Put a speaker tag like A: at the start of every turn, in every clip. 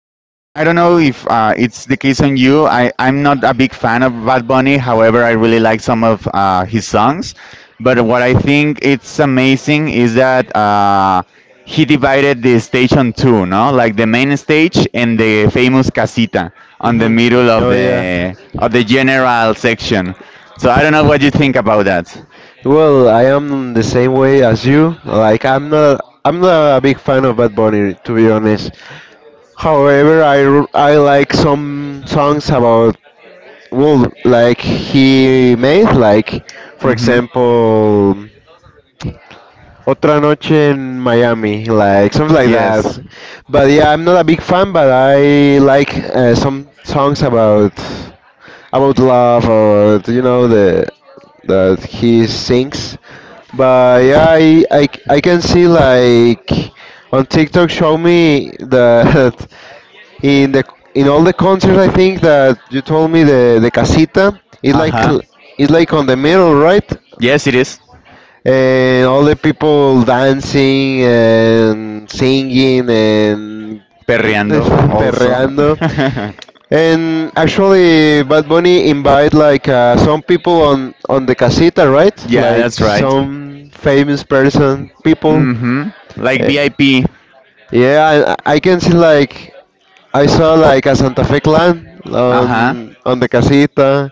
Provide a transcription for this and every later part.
A: I don't know if it's the case on you. I'm not a big fan of Bad Bunny. However, I really like some of his songs. But what I think it's amazing is that he divided the stage on two, no? Like the main stage and the famous casita on the
B: Hmm.
A: middle
B: Oh yeah.
A: of the general section. So I don't know what you think about that.
B: Well, I am the same way as you. Like I'm not a big fan of Bad Bunny, to be honest. However, I like some songs about, well, like he made, like for
A: Mm-hmm.
B: example Otra Noche in Miami, like something like that.
A: Yes.
B: But yeah, I'm not a big fan, but I like some songs about I would love, or the that he sings. But yeah, I can see like on TikTok show me that, in the in all the concerts, I think that you told me the casita is
A: Uh huh.
B: is like on the middle, right?
A: Yes, it is.
B: And all the people dancing and singing and
A: Perreando also.
B: perreando. And actually, Bad Bunny invite like some people on the casita, right?
A: Yeah,
B: Like
A: that's right.
B: some famous person, people.
A: Mm-hmm. Like
B: Uh,
A: VIP.
B: yeah, I can see like I saw like
A: P.
B: a Santa Fe clan
A: Uh-huh.
B: on the casita,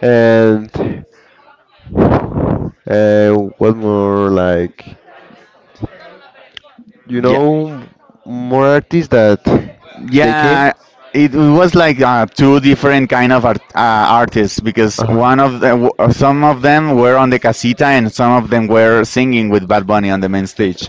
B: and uh, what more, like you
A: Yeah.
B: know more artists that they came.
A: Yeah, it was like two different kind of artists because
B: Uh
A: one of the some of them were on the casita and some of them were singing with Bad Bunny on the main stage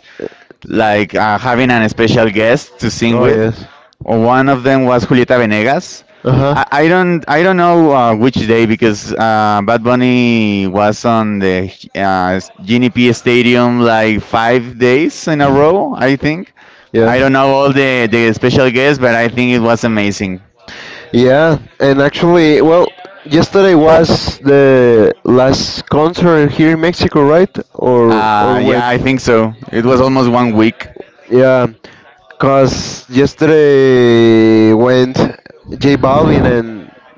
A: like having
B: huh.
A: a special guest to sing
B: Oh
A: with.
B: yes.
A: One of them was Julieta Venegas.
B: Uh
A: I,
B: huh.
A: I don't I don't know which day because Bad Bunny was on the Genie P Stadium like 5 days in a row. I think I
B: Yeah.
A: don't know all the special guests, but I think it was amazing.
B: Yeah, and actually, well, yesterday was the last concert here in Mexico, right? Or
A: Yeah,
B: when?
A: I think so. It was almost one week.
B: Yeah, cause yesterday went J Balvin and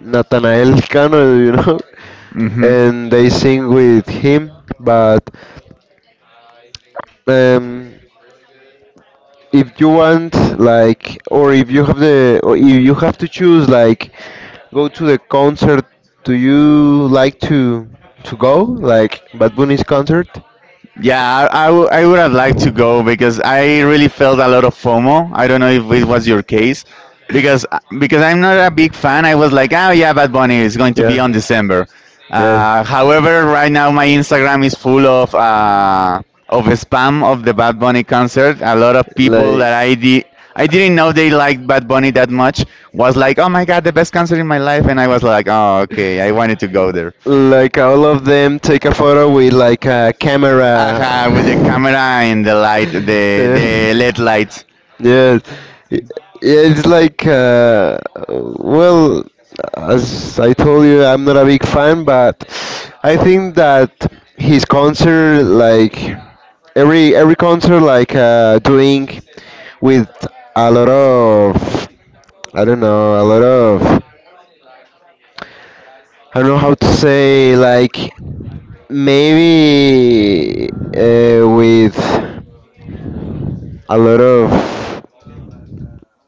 B: Natanael Cano,
A: Mm-hmm.
B: and they sing with him. But um, if you want, like, or if you have the, or if you have to choose, like, go to the concert. Do you like to go, like, Bad Bunny's concert?
A: Yeah, I I would have liked to go because I really felt a lot of FOMO. I don't know if it was your case, because because I'm not a big fan. I was like, oh yeah, Bad Bunny is going to be on
B: Yeah.
A: December.
B: Yeah.
A: However, right now my Instagram is full of spam of the Bad Bunny concert. A lot of people
B: Like.
A: that I did. I didn't know they liked Bad Bunny that much. Was like, oh my god, the best concert in my life, and I was like, oh okay, I wanted to go there.
B: Like all of them take a photo with like a camera.
A: Aha, with the camera and the light,
B: Yeah.
A: the LED light.
B: Yes. Y- Yeah, it's like well, as I told you, I'm not a big fan, but I think that his concert, like every concert, like doing with a lot of, I don't know, a lot of, I don't know how to say, like, maybe with a lot of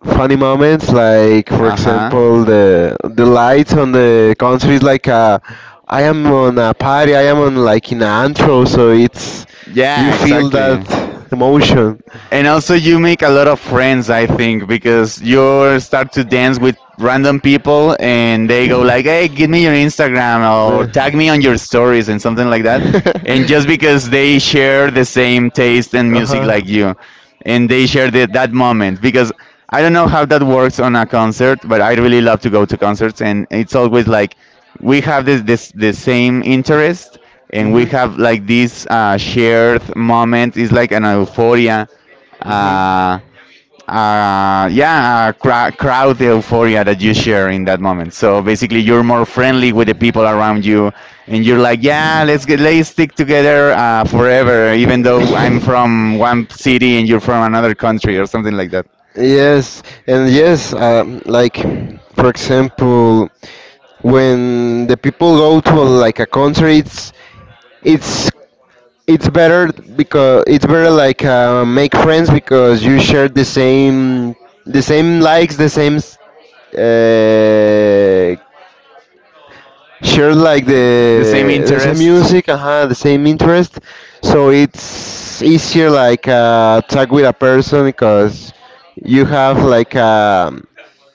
B: funny moments, like for
A: Uh
B: example the lights on the concert is like a, I am on a party, I am on like in an intro, so it's
A: Yeah,
B: you feel that
A: exactly.
B: emotion.
A: And also, you make a lot of friends, I think, because you start to dance with random people, and they go like, "Hey, give me your Instagram or tag
B: Man.
A: me on your stories and something like that." And just because they share the same taste in
B: Uh
A: music
B: huh.
A: like you, and they share that moment, because I don't know how that works on a concert, but I really love to go to concerts, and it's always like we have this this the same interest,
B: Mhm.
A: and we have like this shared moment. It's like an euphoria
B: Mhm.
A: uh, crowd euphoria that you share in that moment. So basically, you're more friendly with the people around you, and you're like, yeah, let's stick together forever, even though I'm from one city and you're from another country or something like that.
B: Yes, and yes, like for example, when the people go to like a country, it's it's it's better because it's better like make friends, because you share the same likes, the same, uh, share like
A: The same
B: the same
A: interest.
B: music, the same interest. So it's easier like talk with a person because you have like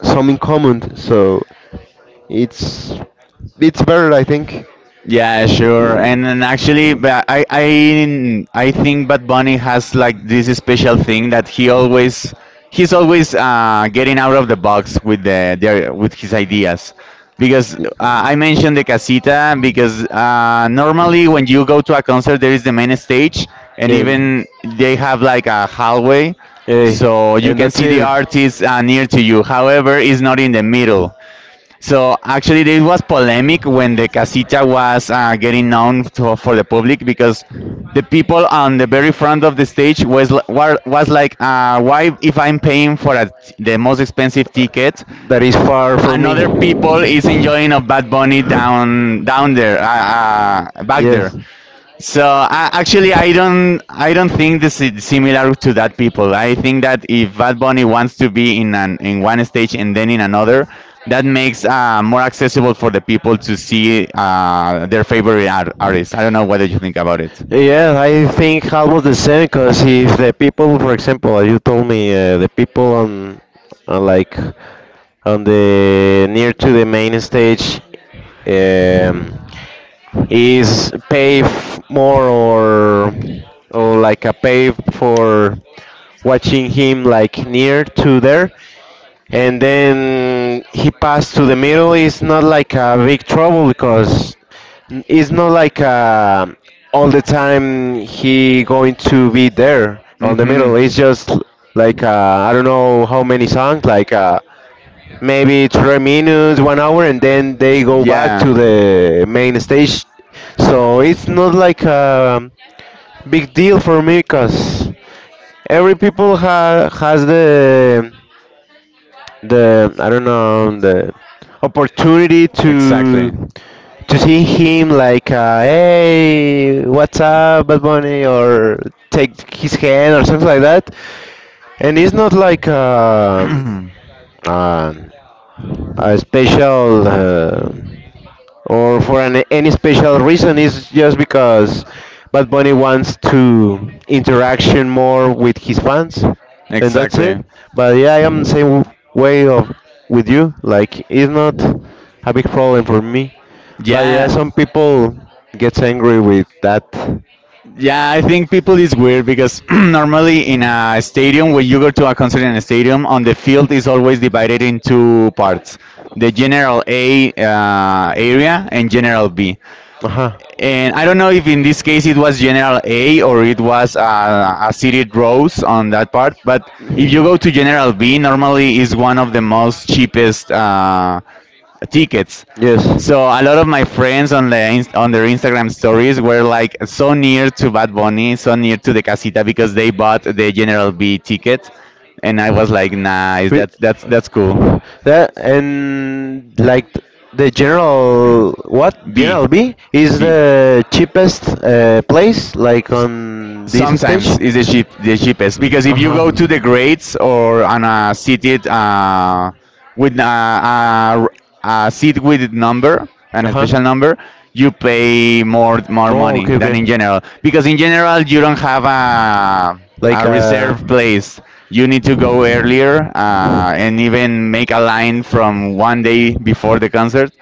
B: some in common. So it's it's better, I think.
A: Yeah, sure. And actually, but I think Bad Bunny has like this special thing that he's always getting out of the box with the with his ideas. Because I mentioned the casita because normally when you go to a concert there is the main stage and
B: Yeah.
A: even they have like a hallway
B: Hey,
A: so you
B: and
A: can
B: that's
A: see the artist near to you. However, it's not in the
B: it.
A: middle. So actually, there was polemic when the casita was getting known for the public because the people on the very front of the stage was like, why if I'm paying for the most expensive
B: Uh,
A: ticket,
B: that is far for me.
A: another people
B: The
A: is enjoying a Bad Bunny
B: down
A: down there, back there.
B: Yes.
A: So actually, I don't think this is similar to that people. I think that if Bad Bunny wants to be in an in one stage and then in another, that makes more accessible for the people to see their favorite artist. I don't know whether you think about it.
B: Yeah, I think almost the same, because if the people, for example, as you told me, the people on like on the near to the main stage, um, is pay more, or like a pay for watching him like near to there, and then he passed to the middle, it's not like a big trouble, because it's not like all the time he going to be there on the
A: Hmm.
B: middle, it's just like I don't know how many songs, like maybe 3 minutes, one hour, and then they go back
A: Yeah,
B: to the main stage. So it's not like a big deal for me, because every people has the, I don't know, the opportunity
A: exactly.
B: to see him like hey, what's up Bad Bunny, or take his hand or something like that, and it's not like um, a special. Or for any special reason. It's just because Bad Bunny wants to interaction more with his fans, and that's it.
A: Exactly.
B: But yeah, I am the same way of with you. Like it's not a big problem for me. But yeah,
A: Yeah.
B: some people gets angry with that.
A: Yeah, I think people is weird because normally in a stadium, when you go to a concert in a stadium, on the field is always divided in two parts: the general A area and general B.
B: Uh huh.
A: And I don't know if in this case it was General A or it was a seated rows on that part. But if you go to General B, normally is one of the most cheapest tickets.
B: Yes.
A: So a lot of my friends on the on their Instagram stories were like so near to Bad Bunny, so near to the casita because they bought the General B ticket, and I was like, nice, that's cool.
B: Cool. That and like the general, what
A: B.
B: general B is the cheapest place like on this that stage.
A: Sometimes is the cheapest because
B: Uh
A: if you go to the
B: huh.
A: grades or on a seated with a, a, a seat with number and
B: Uh
A: a
B: huh.
A: special number, you pay more money than in general because in general you don't have
B: Like
A: a reserve place. You need to go earlier and even make a line from one day before the concert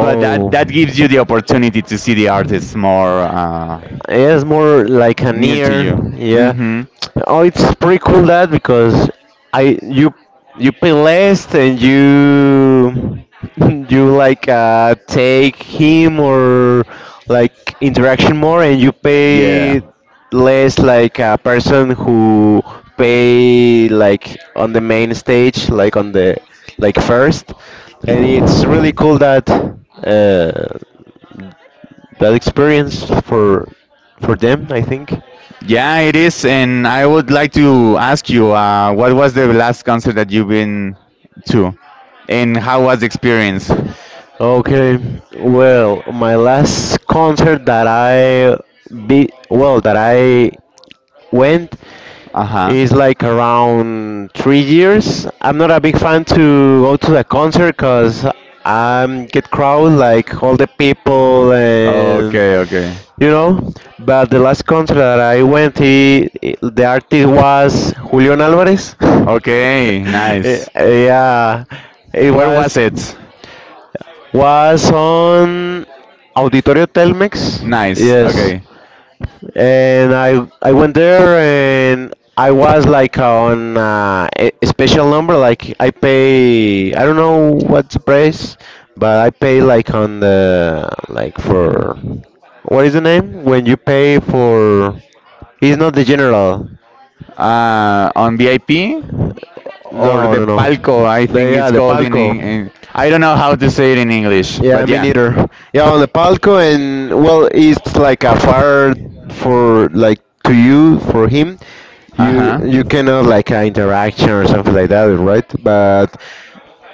A: but that that gives you the opportunity to see the artists more
B: yes, more like an
A: near to
B: ear.
A: you.
B: Yeah.
A: Hmm.
B: Oh, it's pretty cool that, because I you you pay less and you you like take him or like interaction more, and you
A: Yeah.
B: pay less like a person who pay like on the main stage, like on the, like first, and it's really cool that, uh, that experience for them, I think.
A: Yeah, it is. And I would like to ask you, what was the last concert that you've been to, and how was the experience?
B: Okay, well, my last concert that I be well that I went
A: Uh huh.
B: is like around 3 years. I'm not a big fan to go to the concert, because I get crowd like all the people and
A: Okay, okay,
B: you know. But the last concert that I went, the artist was Julian Alvarez.
A: okay.
B: Eh,
A: Nice.
B: yeah, it
A: Where
B: was
A: was it?
B: on Auditorio Telmex.
A: Nice.
B: Yes,
A: Okay.
B: and I went there, and I was like on a special number. Like I pay, I don't know what's the price, but I pay like on the, like for what is the name when you pay for, he's not the general.
A: On VIP or
B: No,
A: the
B: no, no.
A: palco, I
B: The,
A: think
B: yeah,
A: it's
B: the
A: called
B: palco.
A: in. I don't know how to say it in English,
B: Yeah,
A: but
B: me
A: yeah.
B: neither. Yeah, on the palco, and well, it's like a fire for like to you for him.
A: Uh
B: You
A: huh.
B: cannot like a interaction or something like that, right? But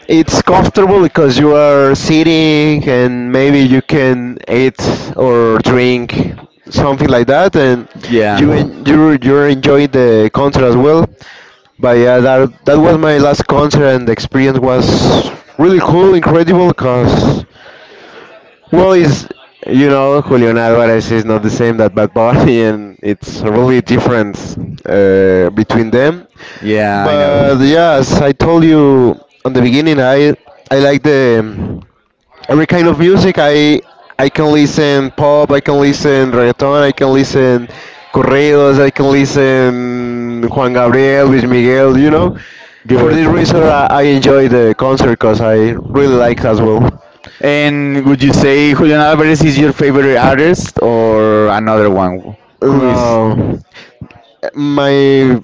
B: it's comfortable because you are sitting, and maybe you can eat or drink something like that, and
A: Yeah.
B: you're enjoying the concert as well. But yeah, that was my last concert, and the experience was really cool, incredible. Cause, well, is Julian Alvarez is not the same that Bad Bunny, and it's really difference between them.
A: Yeah, I
B: But
A: know.
B: yeah, as I told you on the beginning, I like the every kind of music. I can listen pop, I can listen reggaeton, I can listen corridos, I can listen Juan Gabriel, Luis Miguel. For
A: Good.
B: this reason, I enjoy the concert because I really like as well.
A: And would you say Julian Alvarez is your favorite artist or another one? Who is?
B: No. My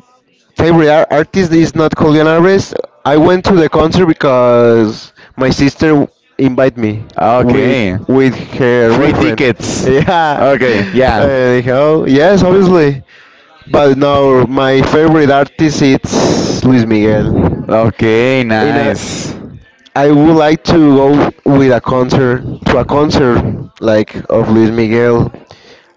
B: favorite artist is not Julian Alvarez. I went to the concert because my sister invited me with
A: Okay.
B: her
A: Free
B: boyfriend.
A: tickets.
B: Yeah.
A: Okay, yeah.
B: Anyhow, yes, obviously. But no, my favorite artist is Luis Miguel.
A: Okay,
B: In a,
A: nice.
B: I would like to go with a concert to a concert, like of Luis Miguel.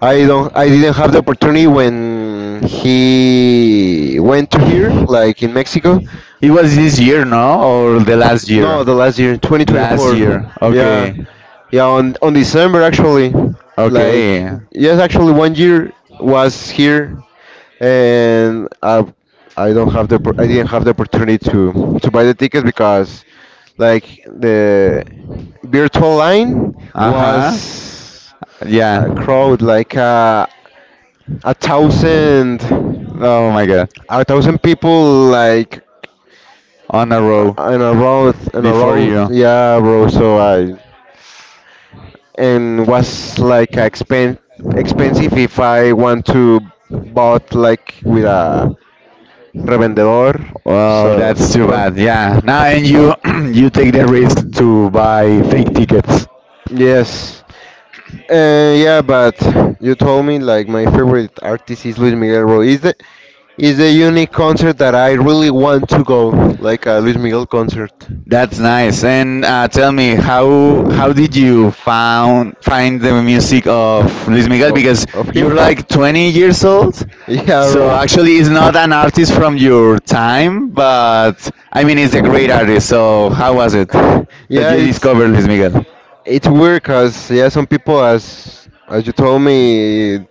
B: I don't. I didn't have the opportunity when he went to here, like in Mexico.
A: It was this year, no? Or the last
B: No,
A: year?
B: the last year,
A: Last
B: 2024.
A: year.
B: Yeah,
A: Okay.
B: yeah. On December actually, like,
A: Okay.
B: yes, actually one year was here, and I don't have the I didn't have the opportunity to buy the tickets, because like the virtual line
A: Uh-huh.
B: was
A: Yeah.
B: a crowd like a thousand.
A: Oh my god.
B: A thousand people, like
A: On a row
B: in a
A: before
B: row,
A: you.
B: yeah, bro, so I, and was like expensive if I want to bought like with a revendedor,
A: Well,
B: so
A: that's too
B: for,
A: bad. Yeah. Now and you you take the risk to buy fake tickets.
B: yes, yeah, but you told me, like, my favorite artist is Luis Miguel, bro, is the. It's a unique concert that I really want to go, like a Luis Miguel concert.
A: That's nice. And tell me how did you found find the music of Luis Miguel
B: Oh,
A: because
B: of
A: you're
B: him?
A: like 20 years old.
B: Yeah,
A: So
B: bro.
A: actually, it's not an artist from your time, but I mean, it's a great artist. So how was it that
B: Yeah,
A: you
B: it's
A: discovered Luis Miguel?
B: it's weird, cause yeah, some people, as you told me,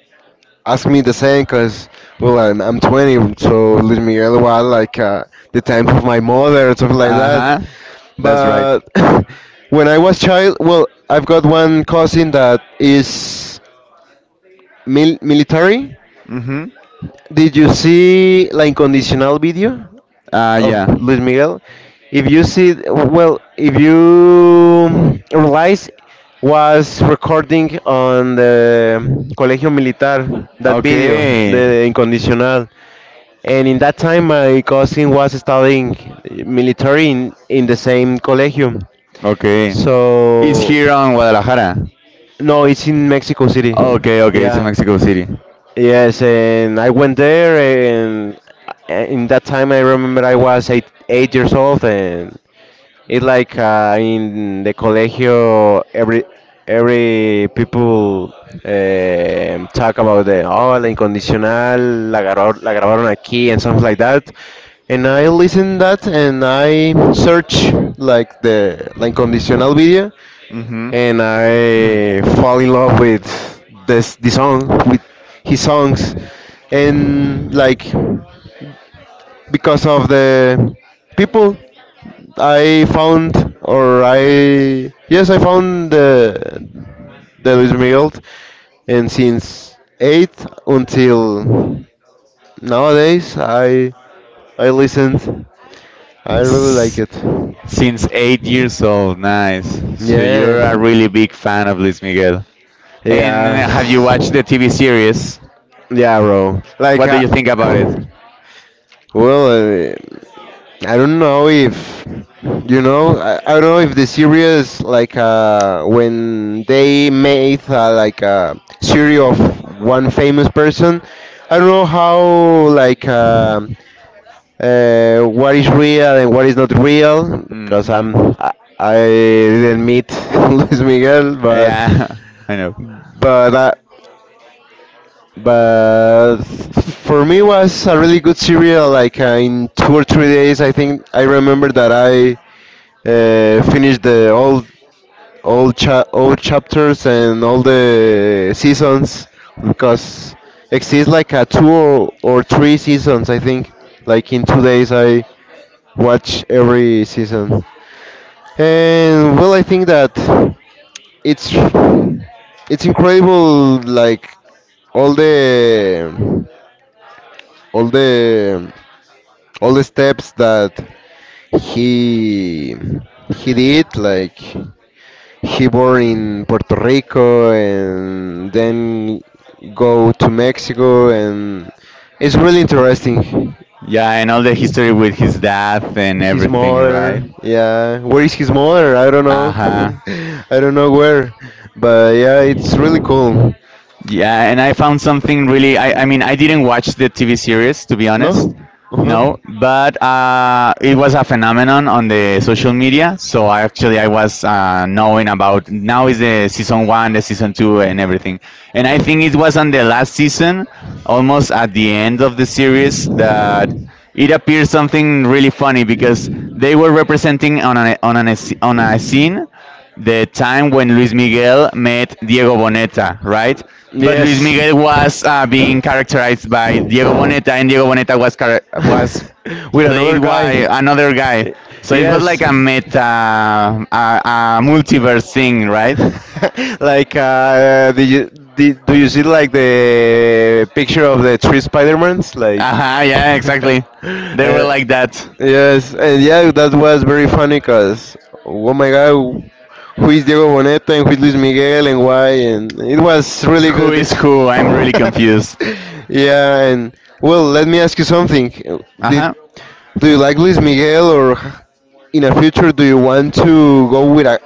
B: ask me the same, cause, well, I'm 20, so Luis Miguel was like the times of my mother or something like
A: Uh
B: that.
A: huh. That's right.
B: But when I was child, well, I've got one cousin that is military.
A: Mm-hmm.
B: Did you see La Incondicional video of
A: Yeah.
B: Luis Miguel? If you see, well, if you realize, was recording on the Colegio Militar, that video, the
A: Okay.
B: Incondicional. And in that time, my cousin was studying military in the same colegio.
A: Okay. It's
B: So.
A: here on Guadalajara.
B: No, it's in Mexico City.
A: Okay, okay, it's in
B: Yeah,
A: Mexico City.
B: yes, and I went there, and in that time I remember I was 8 years old, and it's like in the colegio, every people talk about the, oh, la incondicional, la, la grabaron aquí, and something like that, and I listen that, and I search like the la incondicional video,
A: Mm-hmm.
B: and I fall in love with this the song, with his songs, and like, because of the people, I found, or I, yes, I found the Luis Miguel, and since eight until nowadays, I listened, I really like
A: S-
B: it.
A: Since 8 years old, nice. So
B: Yeah.
A: you're a really big fan of Luis Miguel. And have you
B: Yes.
A: watched the TV series?
B: Yeah, bro, like,
A: What do you think about it?
B: well, uh, I don't know if you know. I don't know if the series like when they made like a series of one famous person. I don't know how like uh, what is real and what is not real because
A: Hmm.
B: I didn't meet Luis Miguel, but
A: Yeah, I know.
B: but uh, but for me was a really good serial in 2 or 3 days. I think I remember that I finished the all chapters and all the seasons, because exists like a two or three seasons I think. Like in 2 days I watch every season. And well, I think that it's it's incredible like all the all the all the steps that he he did. Like he born in Puerto Rico and then go to Mexico, and it's really interesting.
A: Yeah, and all the history with his death and
B: His
A: everything,
B: mother,
A: right?
B: yeah, where is his mother? I don't
A: Uh
B: know.
A: huh.
B: I don't know where, but yeah, it's really cool.
A: Yeah, and I found something really. I mean, I didn't watch the TV series, to be honest.
B: No.
A: No, but it was a phenomenon on the social media. So I actually I was knowing about
B: Uh-huh.
A: now is the season 1, the season 2, and everything. And I think it was on the last season, almost at the end of the series, that it appeared something really funny because they were representing on an on an on a scene the time when Luis Miguel met Diego Boneta, right? But Luis
B: Yes.
A: Miguel was being characterized by Diego Boneta, and Diego Boneta was
B: With another
A: played by
B: guy.
A: another guy.
B: Y-
A: So it was
B: Yes.
A: like a meta, a multiverse thing, right? Like,
B: Do you do you see like the picture of the three Spider-Mans like
A: uh huh. Yeah, exactly. They were
B: uh,
A: like that.
B: yes? And yeah, that was very funny because, oh my god, who is Diego Boneta and who is Luis Miguel and why? And it was really
A: Who
B: good.
A: is
B: Ex-
A: who? I'm really confused.
B: yeah. And well, let me ask you something.
A: Uh
B: Did
A: huh.
B: Do you like Luis Miguel, or in a future do you want to go with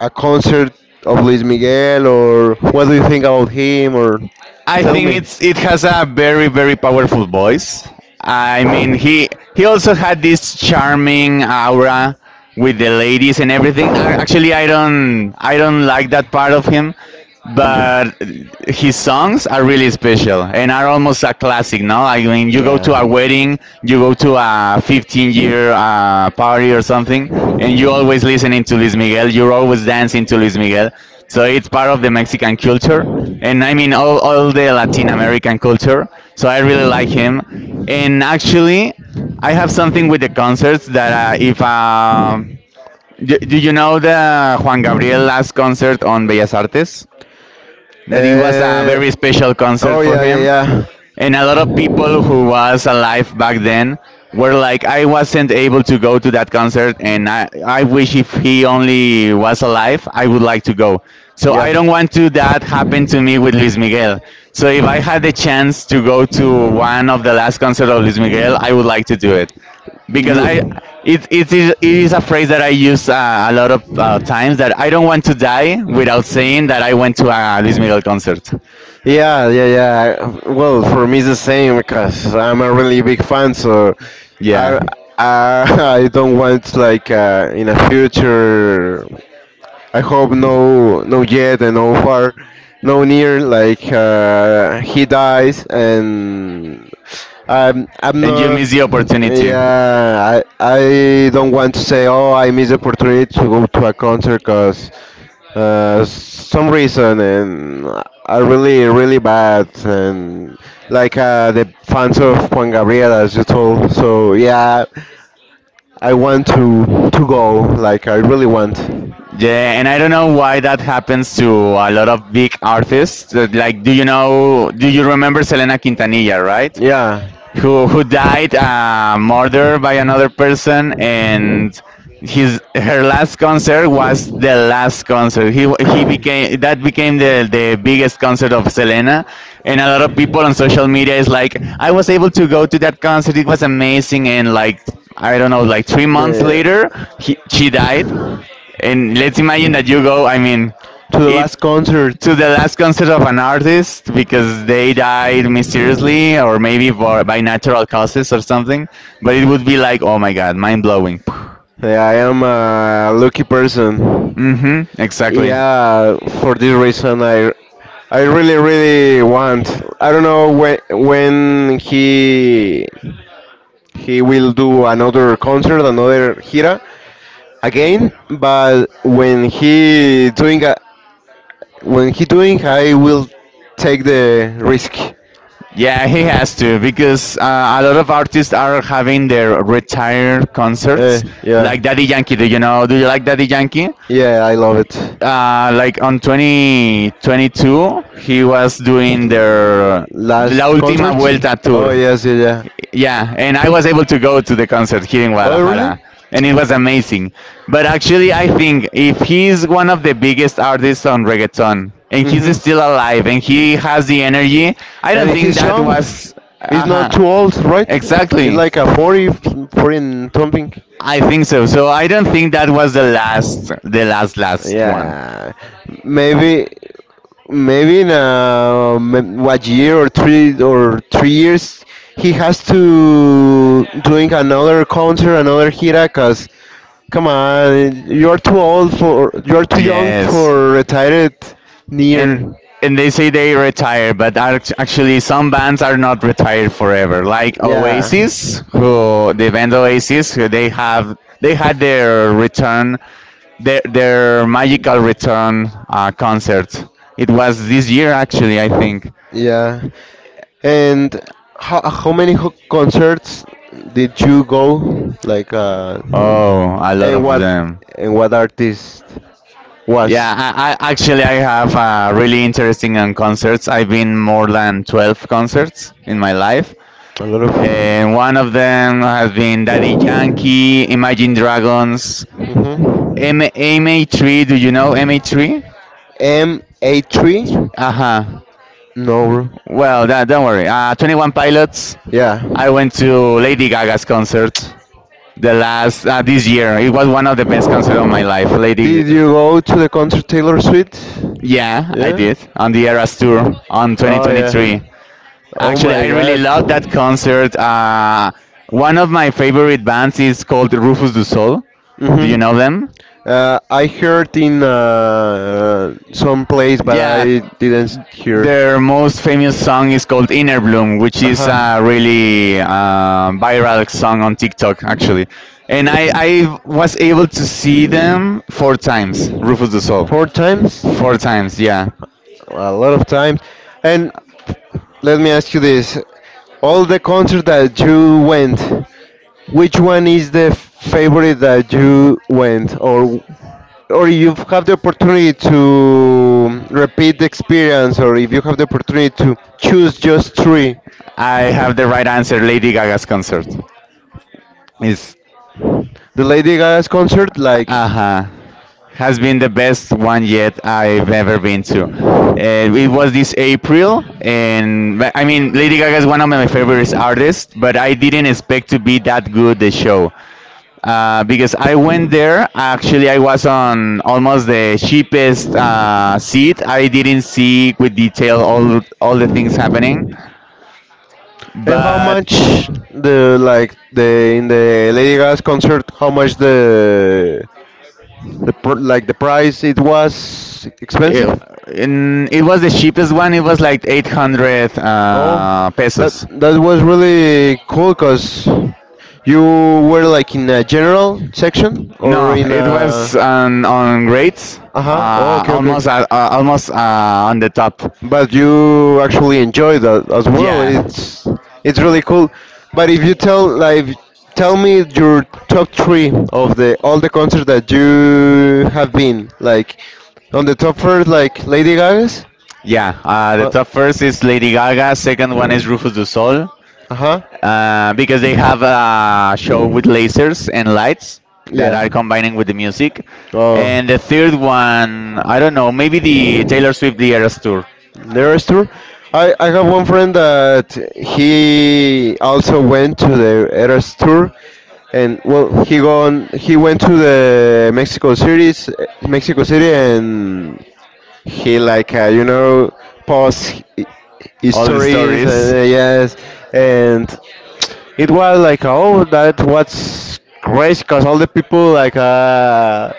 B: a concert of Luis Miguel, or what do you think about him, or
A: I
B: tell
A: think
B: me?
A: it's it has a very very powerful voice. I mean he also had this charming aura with the ladies and everything. Actually, I don't like that part of him. But his songs are really special and are almost a classic. No, I mean you go to a wedding, you go to a 15 year party or something, and you always listening to Luis Miguel, you're always dancing to Luis Miguel. So it's part of the Mexican culture, and I mean all the Latin American culture. So I really like him. And actually I have something with the concerts that if do you know the Juan Gabriel last concert on Bellas Artes, that it was a
B: Uh,
A: very special concert
B: oh
A: for
B: yeah, yeah,
A: him?
B: yeah.
A: And a lot of people who was alive back then were like, I wasn't able to go to that concert and I wish if he only was alive I would like to go. So I
B: Yeah.
A: don't want to that happen to me with Luis Miguel. So if I had the chance to go to one of the last concert of Luis Miguel, I would like to do it. Because I, it is a phrase that I use a lot of times, that I don't want to die without saying that I went to a Luis
B: You.
A: Miguel concert.
B: Yeah, yeah, yeah. Well, for me it's the same because I'm a really big fan. So I
A: Yeah.
B: I, I don't want, in a future. I hope no, no yet and no far, no near. He dies, and I'm
A: And you
B: not.
A: miss the opportunity.
B: Yeah, I don't want to say, oh, I missed the opportunity to go to a concert because some reason and are really, really bad. And like the fans of Juan Gabriel, as you told. So yeah, I want to go. Like I really want.
A: Yeah, and I don't know why that happens to a lot of big artists. Like, do you know, do you remember Selena Quintanilla, right?
B: Yeah.
A: Who died, murdered by another person. And his her last concert was the last concert he became that became the biggest concert of Selena. And a lot of people on social media is like, I was able to go to that concert, it was amazing. And like, I don't know, like 3 months
B: The
A: later she died. And let's imagine that you go, I mean,
B: to the
A: it
B: last concert.
A: to the last concert of an artist because they died mysteriously, or maybe by natural causes or something. But it would be like, oh my god, mind blowing.
B: Yeah, I am a lucky person. Exactly.
A: Exactly.
B: Yeah, for this reason, I really, really want. I don't know when he will do another concert, another gira again. But when he doing, I will take the risk. Yeah.
A: Yeah, he has to because a lot of artists are having their retired
B: Eh,
A: concerts,
B: yeah.
A: like Daddy Yankee. Do you know? Do you like Daddy Yankee?
B: Yeah, I love it.
A: Like on 2022 he was doing
B: L-
A: their La
B: Last
A: Última
B: concert?
A: Vuelta
B: Oh,
A: tour.
B: yes, yeah, yeah.
A: Yeah, and I was able to go to the concert here in
B: Oh, really?
A: Guadalajara, and it was amazing. But actually I think if he's one of the biggest artists on reggaeton, and he's
B: Hmm.
A: still alive and he has the energy, I don't
B: And
A: think
B: he's
A: that
B: young.
A: was
B: He's not
A: uh-huh.
B: too old, right? He's
A: Exactly.
B: like a 40, 40 something.
A: I think so. So I don't think that was the last last one.
B: Yeah, maybe, maybe in what, year or 3 or 3 years he has to doing another concert, another gira. Cause come on, you're too young
A: Yes.
B: for
A: You
B: retired
A: and
B: near.
A: they say they retire, but actually some bands are not retired forever. Like
B: Yeah.
A: Oasis, who they had their return, their magical return concert. It was this year actually, I think.
B: Yeah. And how many ho- concerts did you go?
A: Oh, a lot
B: And
A: of
B: what,
A: them.
B: and what artist was?
A: Yeah, I actually I have really interesting on concerts. I've been more than 12 concerts in my life.
B: A lot of.
A: And one of them has been Daddy Yankee, Imagine Dragons,
B: Mhm.
A: MA3. Do you know MA3?
B: M A three?
A: Uh-huh.
B: No.
A: Well, that, don't worry. 21 Pilots.
B: Yeah.
A: I went to Lady Gaga's concert the last this year. It was one of the best concerts of my life. Lady,
B: Did you go to the concert Taylor Swift?
A: yeah, I
B: Yeah.
A: did on the Eras tour on
B: Oh yeah.
A: 2023.
B: Oh
A: Actually,
B: my
A: I really
B: God.
A: loved that concert. One of my favorite bands is called Rufus du Sol. Do you
B: Mhm.
A: know them?
B: I heard in some place, but
A: Yeah,
B: I didn't hear.
A: their most famous song is called Inner Bloom, which
B: Uh
A: is
B: huh.
A: a really viral song on TikTok, actually. And I was able to see them four times, Rufus du Sol.
B: Four times.
A: Four times, yeah.
B: A lot of times. And let me ask you this: all the concert that you went, which one is the favorite that you went? Or you have the opportunity to repeat the experience, or if you have the opportunity to choose just three,
A: I have the right answer. Lady Gaga's concert is,
B: the Lady Gaga's concert, like,
A: uh huh, has been the best one yet I've ever been to. It was this April, and but, I mean Lady Gaga is one of my favorite artists, but I didn't expect to be that good the show. Because I went there, actually I was on almost the cheapest seat. I didn't see with detail all the things happening,
B: and how
A: but
B: much the, like the in the Lady Gaga's concert, how much the pr- like the price, it was expensive?
A: It, and it was the cheapest one. It was like 800
B: Oh, that,
A: pesos.
B: that was really cool because you were like in a general section, or
A: No,
B: in
A: it was
B: a.
A: on grades,
B: Uh huh. Oh,
A: uh,
B: okay, okay,
A: almost
B: okay.
A: almost on the top.
B: But you actually enjoy that as well.
A: Yeah,
B: It's really cool. But if you tell like, tell me your top three of the all the concerts that you have been, like on the top first, like Lady Gaga's.
A: yeah. The
B: Uh
A: top first is Lady Gaga. Second one is Rufus Du Sol,
B: huh.
A: because they have a show with lasers and lights that are
B: Yeah.
A: combining with the music.
B: Oh.
A: And the third one, I don't know, maybe the Taylor Swift The Eras Tour.
B: Nearest tour? I have one friend that he also went to the Eras tour, and well, he went to the Mexico City, Mexico City, and he post hi-
A: All the
B: histories and
A: stories,
B: yes. And it was like, oh, that was crazy because all the people like uh,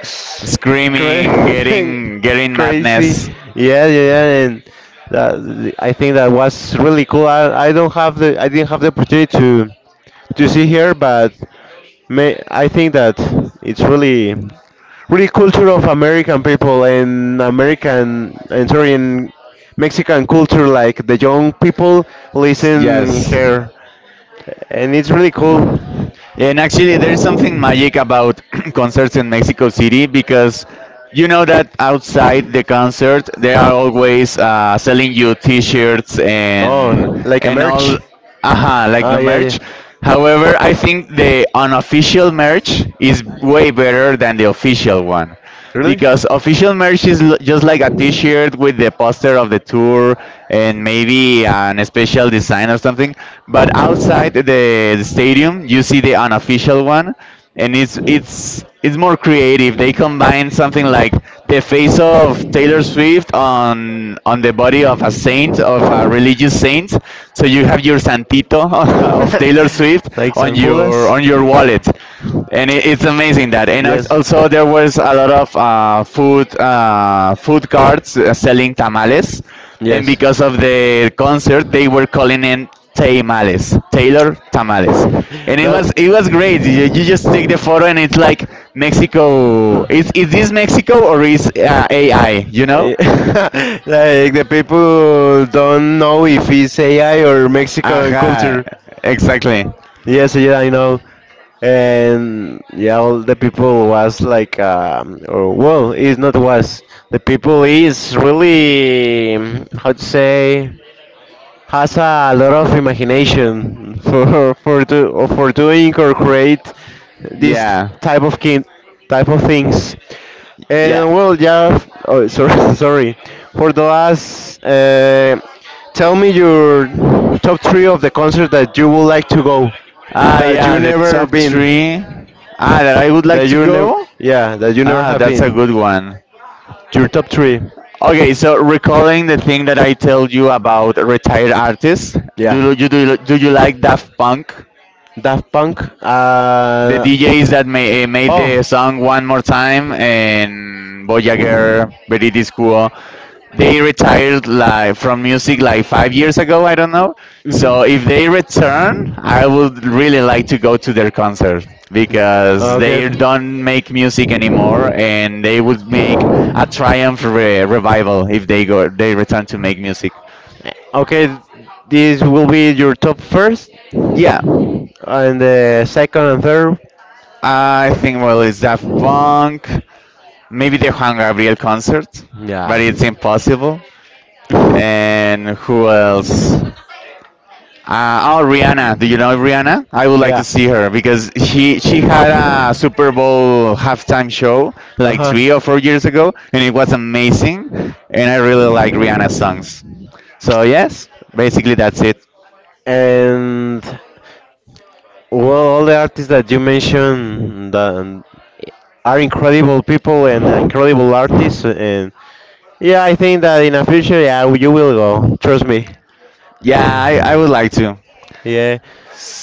B: cra-
A: screaming, getting
B: crazy,
A: madness.
B: yeah, yeah, yeah. And that, I think that was really cool. I don't have the, I didn't have the opportunity to see here. But may, I think that it's really, really culture of American people and American, and sorry, and Mexican culture, like the young people listen
A: Yes.
B: here, and it's really cool.
A: And actually, there is something magic about concerts in Mexico City, because you know that outside the concert they are always selling you T-shirts and
B: Oh, like a
A: and all,
B: merch.
A: like
B: Ah,
A: the
B: yeah, yeah.
A: merch. However, I think the unofficial merch is way better than the official one,
B: Really?
A: because official merch is just like a t-shirt with the poster of the tour and maybe an special design or something. But outside the stadium you see the unofficial one, and it's more creative. They combine something like the face of Taylor Swift on the body of a saint, of a religious saint. So you have your santito of Taylor Swift
B: Like
A: on
B: San,
A: your wallet, and it's amazing that. And also there was a lot of food carts selling tamales, and
B: yes.
A: because of the concert they were calling in tamales, Taylor tamales. And it
B: That
A: was, it was great. You just take the photo and it's like, Mexico is this Mexico or is AI, you know?
B: eh like the people don't know if it's AI or Mexican
A: Aha,
B: culture.
A: exactly.
B: Yes, yeah, I know. And yeah, all the people was like, or well, it's not was. The people is really mm, how to say, has a lot of imagination for or for doing or create this
A: Yeah.
B: type of kin, type of things.
A: Yeah.
B: And well, yeah. f- Oh, sorry, sorry. For the last, tell me your top three of the concert that you would like to go,
A: Ah,
B: that you
A: yeah, the
B: never
A: top
B: been,
A: three. Ah, that I would
B: that
A: like to
B: you never,
A: go.
B: yeah, that you never
A: Ah,
B: have
A: that's a
B: been.
A: good one.
B: Your top three.
A: Okay, so recalling the thing that I told you about retired artists,
B: Yeah.
A: do you like Daft Punk?
B: Daft Punk. The
A: The
B: uh,
A: DJs that made the song One More Time and Voyager, Veridi's Cool. They retired like from music like 5 years ago, I don't know. So if they return, I would really like to go to their concert, because they don't make music anymore, and they would make a triumph revival if they return to make music.
B: okay, this will be your top first,
A: Yeah,
B: and the second and third.
A: I think well it's Daft Punk. Maybe the Juan Gabriel concert, but
B: Yeah.
A: it's impossible. And who else? Oh, Rihanna. Do you know Rihanna? I would like to
B: Yeah.
A: see her, because she had a Super Bowl halftime show
B: Uh
A: like
B: huh.
A: 3 or 4 years ago, and it was amazing. And I really like Rihanna's songs. So yes, basically that's it.
B: And well, all the artists that you mentioned that are incredible people and incredible artists. And yeah, I think that in the future, yeah, you will go. Trust me.
A: Yeah, I
B: Yeah.
A: would like to.
B: Yeah.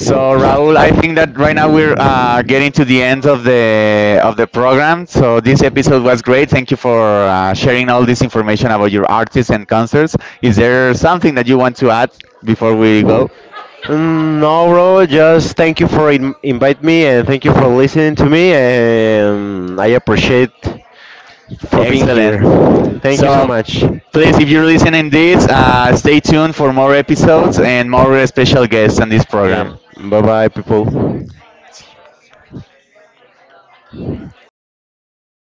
B: W-
A: Raul, I think
B: s-
A: that right now we're getting to the end of the program. So this episode was great. Thank you for sharing all this information about your artists and concerts. Is there something that you want to add before we go?
B: Mm, no, bro. Just thank you for in invite me, and thank you for listening to me, and I appreciate for being here.
A: Excellent.
B: Thank you so
A: So
B: much.
A: please, if you're listening this, stay tuned for more episodes and more special guests on this program.
B: Yeah. Bye bye, people.